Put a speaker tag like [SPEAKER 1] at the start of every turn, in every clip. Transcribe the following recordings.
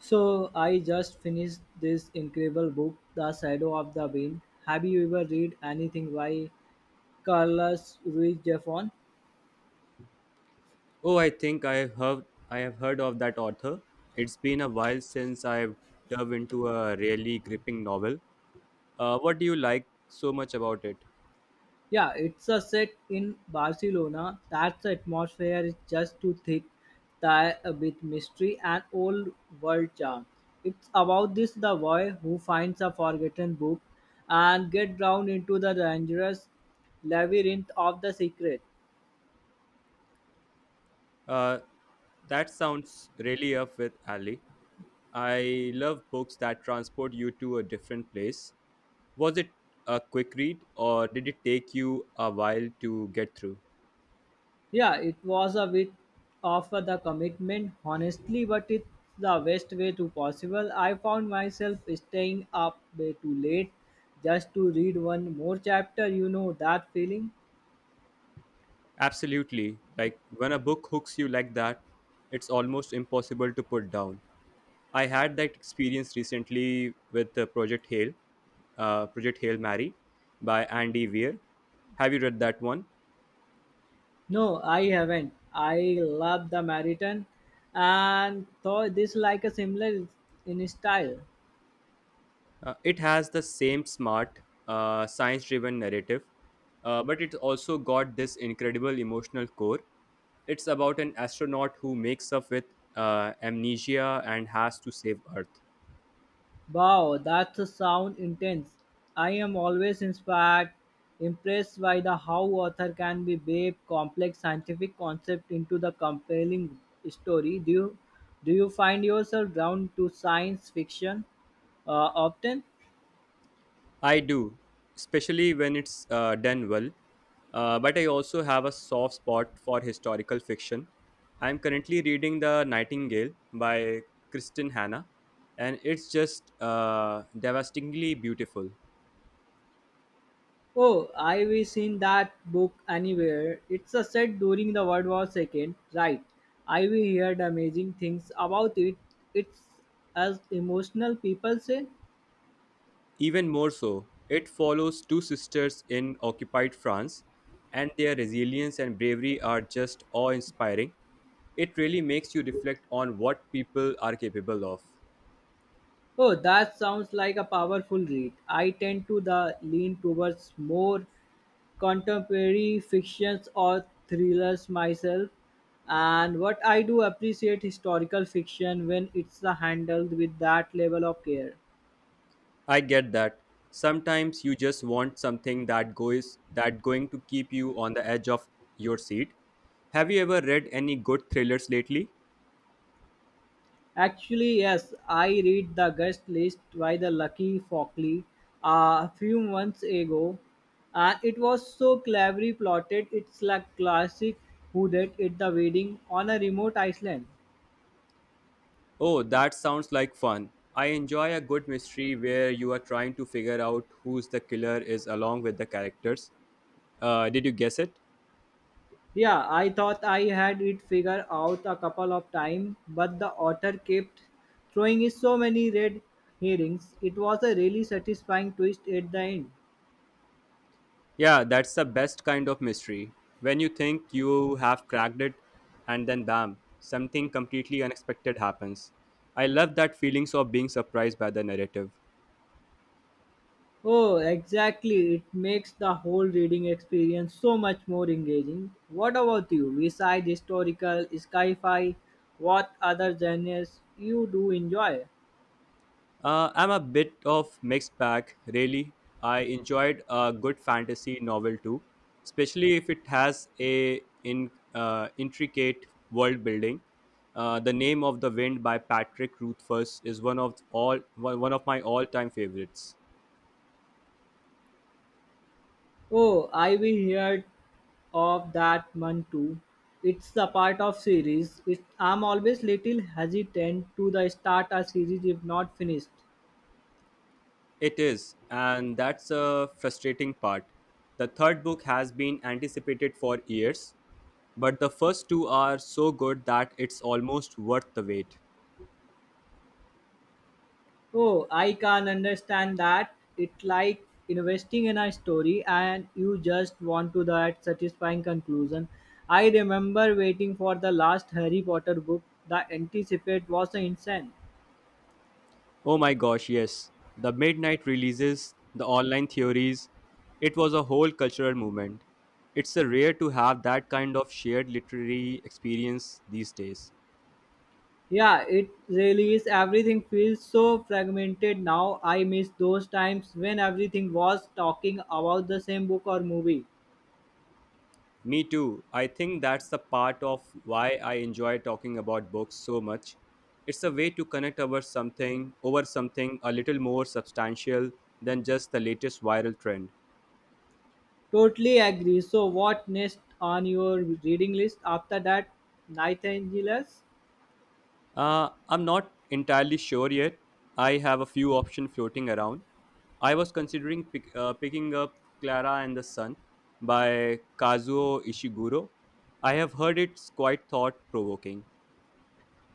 [SPEAKER 1] So I just finished this incredible book, The Shadow of the Wind. Have you ever read anything by Carlos Ruiz Zafón?
[SPEAKER 2] Oh, I think I have heard of that author. It's been a while since I've dove into a really gripping novel. What do you like so much about it?
[SPEAKER 1] Yeah, it's a set in Barcelona. That's atmosphere is just too thick, tie with mystery and old world charm. It's about this the boy who finds a forgotten book and get drawn into the dangerous labyrinth of the secret.
[SPEAKER 2] Uh, that sounds really up with Ali. I love books that transport you to a different place. Was it a quick read or did it take you a while to get through?
[SPEAKER 1] Yeah, it was a bit of the commitment, honestly, but it's the best way to possible. I found myself staying up way too late just to read one more chapter. You know that feeling?
[SPEAKER 2] Absolutely. Like when a book hooks you like that, it's almost impossible to put down. I had that experience recently with Project Hail Mary by Andy Weir. Have you read that one?
[SPEAKER 1] No, I haven't. I love the marathon, and thought this like a similar in style.
[SPEAKER 2] It has the same smart, science driven narrative, but it's also got this incredible emotional core. It's about an astronaut who makes up with amnesia and has to save Earth.
[SPEAKER 1] Wow, that's a sound intense. I am always inspired, impressed by the how author can be weave complex scientific concept into the compelling story. Do you find yourself drawn to science fiction uh, often?
[SPEAKER 2] I do, especially when it's done well. But I also have a soft spot for historical fiction. I'm currently reading The Nightingale by Kristen Hanna, and it's just devastatingly beautiful.
[SPEAKER 1] Oh, I wish seen that book anywhere. It's a set during the World War Second, right? I we heard amazing things about it. It's as emotional people say.
[SPEAKER 2] Even more so, it follows two sisters in occupied France, and their resilience and bravery are just awe inspiring. It really makes you reflect on what people are capable of.
[SPEAKER 1] Oh, that sounds like a powerful read. I tend to the lean towards more contemporary fictions or thrillers myself. And what I do appreciate historical fiction when it's handled with that level of care.
[SPEAKER 2] I get that. Sometimes you just want something that goes that going to keep you on the edge of your seat. Have you ever read any good thrillers lately?
[SPEAKER 1] Actually, yes, I read The Guest List by the Lucky Fockley a few months ago, and it was so cleverly plotted. It's like classic who did it the wedding on a remote island.
[SPEAKER 2] Oh, that sounds like fun. I enjoy a good mystery where you are trying to figure out who's the killer is along with the characters. Did you guess it?
[SPEAKER 1] Yeah, I thought I had it figured out a couple of times, but the author kept throwing in so many red herrings. It was a really satisfying twist at the end.
[SPEAKER 2] Yeah, that's the best kind of mystery. When you think you have cracked it, and then bam, something completely unexpected happens. I love that feelings of being surprised by the narrative.
[SPEAKER 1] Oh, exactly. It makes the whole reading experience so much more engaging. What about you? Besides historical, sci fi, what other genres you do enjoy?
[SPEAKER 2] I'm a bit of mixed bag, really. I enjoyed a good fantasy novel too, especially if it has intricate world building. The Name of the Wind by Patrick Rothfuss is one of my all-time favorites.
[SPEAKER 1] Oh, I've heard of that one too. It's the part of series. I'm always little hesitant to the start a series if not finished.
[SPEAKER 2] It is, and that's a frustrating part. The third book has been anticipated for years, but the first two are so good that it's almost worth the wait.
[SPEAKER 1] Oh, I can understand that. It's like investing in a story and you just want to that satisfying conclusion. I remember waiting for the last Harry Potter book. The anticipate was insane.
[SPEAKER 2] Oh my gosh, yes. The midnight releases, the online theories, it was a whole cultural movement. It's a rare to have that kind of shared literary experience these days.
[SPEAKER 1] Yeah, it really is. Everything feels so fragmented now. I miss those times when everything was talking about the same book or movie.
[SPEAKER 2] Me too. I think that's the part of why I enjoy talking about books so much. It's a way to connect over something a little more substantial than just the latest viral trend.
[SPEAKER 1] Totally agree. So, what next on your reading list after that? Nightingales?
[SPEAKER 2] I'm not entirely sure yet. I have a few options floating around. I was considering picking up Clara and the Sun by Kazuo Ishiguro. I have heard it's quite thought provoking.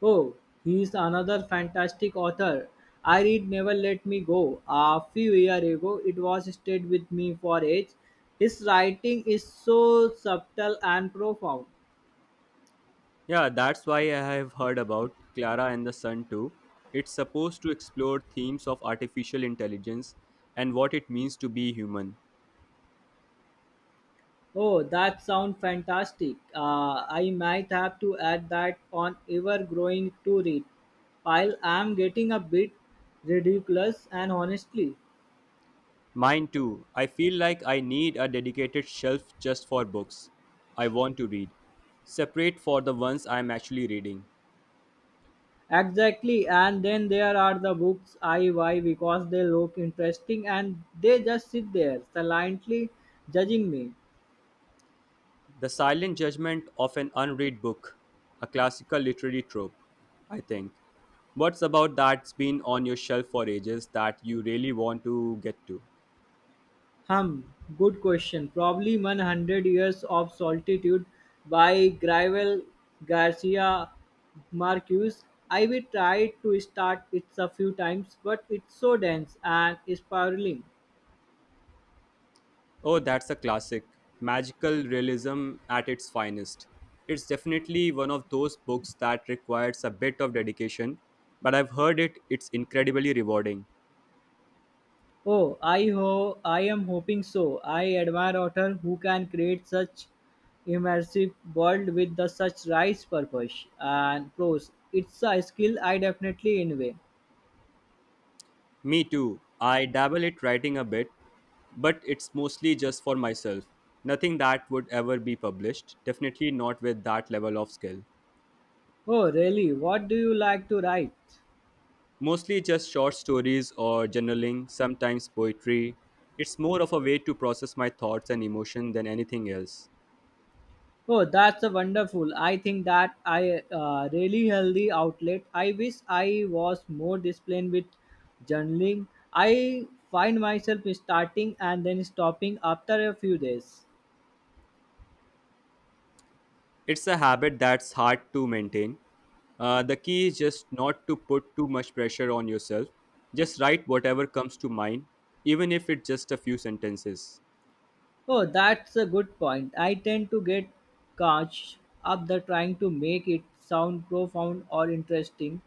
[SPEAKER 1] Oh, he's another fantastic author. I read Never Let Me Go. A few years ago, it was stayed with me for age. His writing is so subtle and profound.
[SPEAKER 2] Yeah, that's why I have heard about Clara and the Sun too. It's supposed to explore themes of artificial intelligence and what it means to be human.
[SPEAKER 1] Oh, that sounds fantastic. I might have to add that on ever growing to read pile. I'm getting a bit ridiculous and honestly.
[SPEAKER 2] Mine too. I feel like I need a dedicated shelf just for books I want to read, separate for the ones I'm actually reading.
[SPEAKER 1] Exactly, and then there are the books I buy because they look interesting and they just sit there silently judging me.
[SPEAKER 2] The silent judgment of an unread book, a classical literary trope, I think. What's about that's been on your shelf for ages that you really want to get to?
[SPEAKER 1] Good question. Probably 100 years of solitude by Gravel Garcia Marquez. I will try to start it a few times, but it's so dense and spiraling.
[SPEAKER 2] Oh, that's a classic. Magical realism at its finest. It's definitely one of those books that requires a bit of dedication, but I've heard it's incredibly rewarding.
[SPEAKER 1] Oh, I am hoping so. I admire authors who can create such immersive world with the such rice purpose and prose. It's a skill I definitely envy.
[SPEAKER 2] Me too. I dabble at writing a bit, but it's mostly just for myself. Nothing that would ever be published, definitely not with that level of skill.
[SPEAKER 1] Oh, really? What do you like to write?
[SPEAKER 2] Mostly just short stories or journaling, sometimes poetry. It's more of a way to process my thoughts and emotion than anything else.
[SPEAKER 1] Oh, that's a wonderful. I think that I really healthy outlet. I wish I was more disciplined with journaling. I find myself starting and then stopping after a few days.
[SPEAKER 2] It's a habit that's hard to maintain. The key is just not to put too much pressure on yourself. Just write whatever comes to mind, even if it's just a few sentences.
[SPEAKER 1] Oh, that's a good point. I tend to get caught up the trying to make it sound profound or interesting,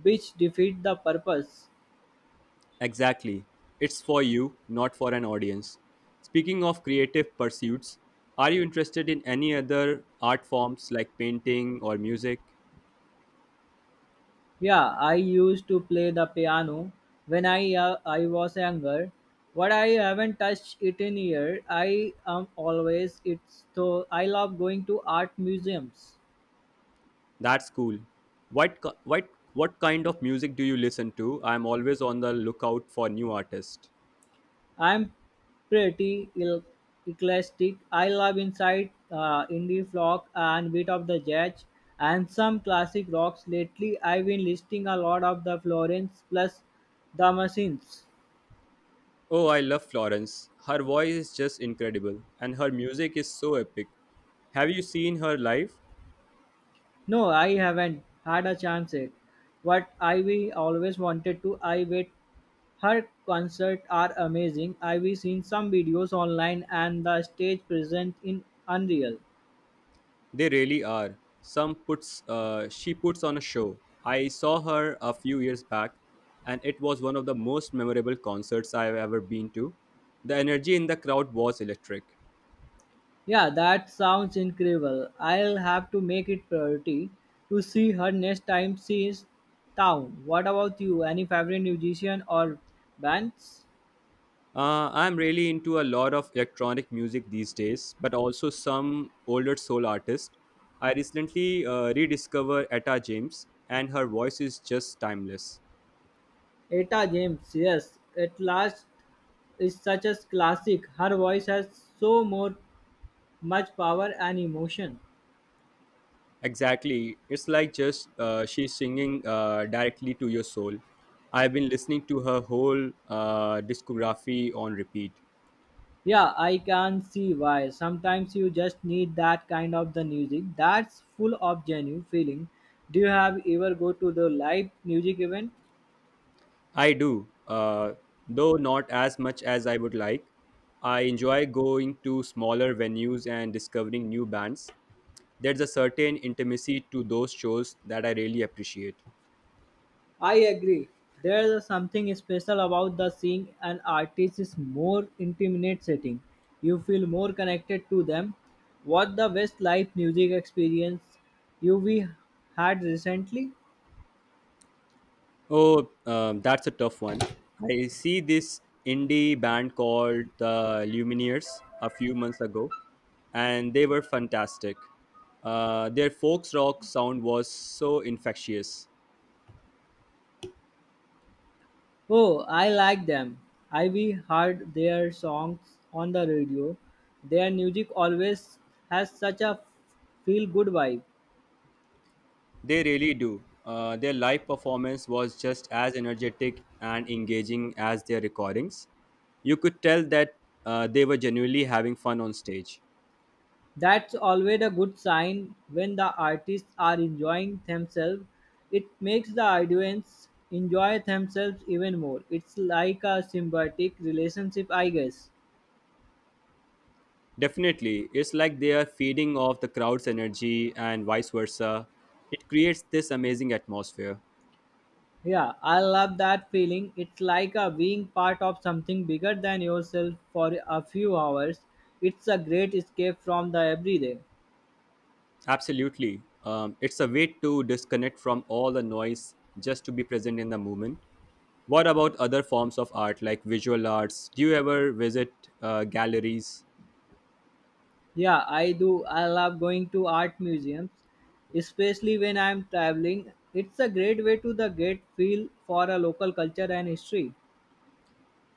[SPEAKER 1] which defeat the purpose.
[SPEAKER 2] Exactly. It's for you, not for an audience. Speaking of creative pursuits, are you interested in any other art forms like painting or music?
[SPEAKER 1] Yeah, I used to play the piano when I was younger, what I haven't touched it in year. I am always it's so I love going to art museums.
[SPEAKER 2] That's cool. What ki- what kind of music do you listen to? I'm always on the lookout for new artists.
[SPEAKER 1] I'm pretty el- eclectic. I love inside indie folk and bit of the jazz and some classic rocks. Lately, I've been listing a lot of the Florence plus the machines.
[SPEAKER 2] Oh, I love Florence. Her voice is just incredible, and her music is so epic. Have you seen her live?
[SPEAKER 1] No, I haven't had a chance yet. What Ivy always wanted to I wait. Her concerts are amazing. I've seen some videos online and the stage present in unreal.
[SPEAKER 2] They really are. Some puts She puts on a show. I saw her a few years back, and it was one of the most memorable concerts I've ever been to. The energy in the crowd was electric.
[SPEAKER 1] Yeah, that sounds incredible. I'll have to make it priority to see her next time she is town. What about you? Any favorite musician or bands?
[SPEAKER 2] I'm really into a lot of electronic music these days, but also some older soul artists. I recently rediscovered Etta James, and her voice is just timeless.
[SPEAKER 1] Eta James, yes. At last is such a classic. Her voice has so more much power and emotion.
[SPEAKER 2] Exactly, it's like just she's singing directly to your soul. I've been listening to her whole discography on repeat.
[SPEAKER 1] Yeah, I can see why. Sometimes you just need that kind of the music that's full of genuine feeling. Do you have ever go to the live music event?
[SPEAKER 2] I do, though not as much as I would like. I enjoy going to smaller venues and discovering new bands. There's a certain intimacy to those shows that I really appreciate.
[SPEAKER 1] I agree. There's something special about the seeing an artist's more intimate setting. You feel more connected to them. What the best live music experience you we had recently?
[SPEAKER 2] Oh, that's a tough one. I see this indie band called the Lumineers a few months ago, and they were fantastic. Their folks rock sound was so infectious.
[SPEAKER 1] Oh, I like them. I've heard their songs on the radio. Their music always has such a feel good vibe.
[SPEAKER 2] They really do. Their live performance was just as energetic and engaging as their recordings. You could tell that they were genuinely having fun on stage.
[SPEAKER 1] That's always a good sign when the artists are enjoying themselves. It makes the audience enjoy themselves even more. It's like a symbiotic relationship, I guess.
[SPEAKER 2] Definitely, it's like they are feeding off the crowd's energy and vice versa. It creates this amazing atmosphere.
[SPEAKER 1] Yeah, I love that feeling. It's like a being part of something bigger than yourself for a few hours. It's a great escape from the everyday.
[SPEAKER 2] Absolutely. It's a way to disconnect from all the noise just to be present in the moment. What about other forms of art like visual arts? Do you ever visit galleries?
[SPEAKER 1] Yeah, I do. I love going to art museums, especially when I'm traveling. It's a great way to the get feel for a local culture and history.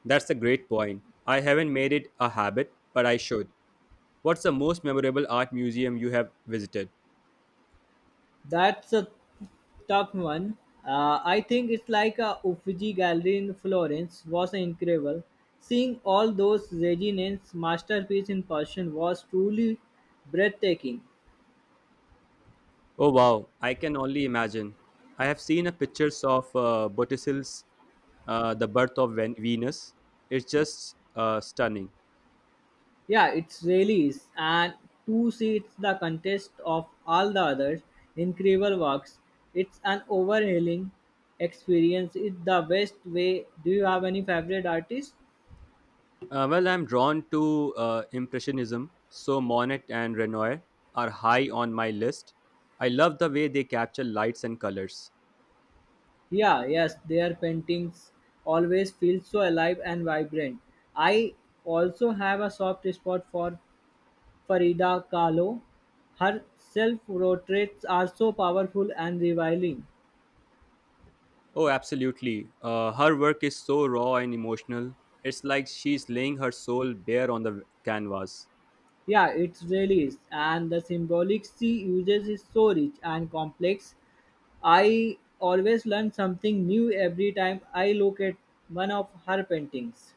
[SPEAKER 2] That's a great point. I haven't made it a habit, but I should. What's the most memorable art museum you have visited?
[SPEAKER 1] That's a tough one. I think it's like a Uffizi Gallery in Florence was incredible. Seeing all those Reginens masterpiece in person was truly breathtaking.
[SPEAKER 2] Oh wow, I can only imagine. I have seen a pictures of Botticelli's The Birth of Venus. It's just stunning.
[SPEAKER 1] Yeah, it's really is. And to see it's the contest of all the other incredible works, it's an overhauling experience. It's the best way. Do you have any favorite artist?
[SPEAKER 2] Well, I'm drawn to Impressionism, so Monet and Renoir are high on my list. I love the way they capture lights and colors.
[SPEAKER 1] Yeah, yes, their paintings always feel so alive and vibrant. I also have a soft spot for Farida Kahlo. Her self portraits are so powerful and revealing.
[SPEAKER 2] Oh, absolutely. Her work is so raw and emotional. It's like she's laying her soul bare on the canvas.
[SPEAKER 1] Yeah, it really is. And the symbolic she uses is so rich and complex. I always learn something new every time I look at one of her paintings.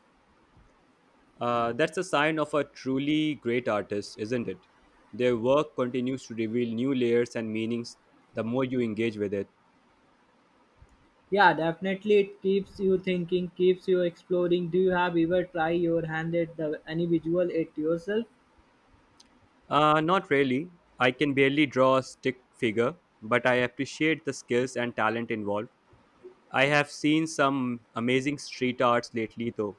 [SPEAKER 2] That's a sign of a truly great artist, isn't it? Their work continues to reveal new layers and meanings the more you engage with it.
[SPEAKER 1] Yeah, definitely it keeps you thinking, keeps you exploring. Do you have ever try your hand at the any visual it yourself?
[SPEAKER 2] Not really. I can barely draw a stick figure, but I appreciate the skills and talent involved. I have seen some amazing street arts lately, though.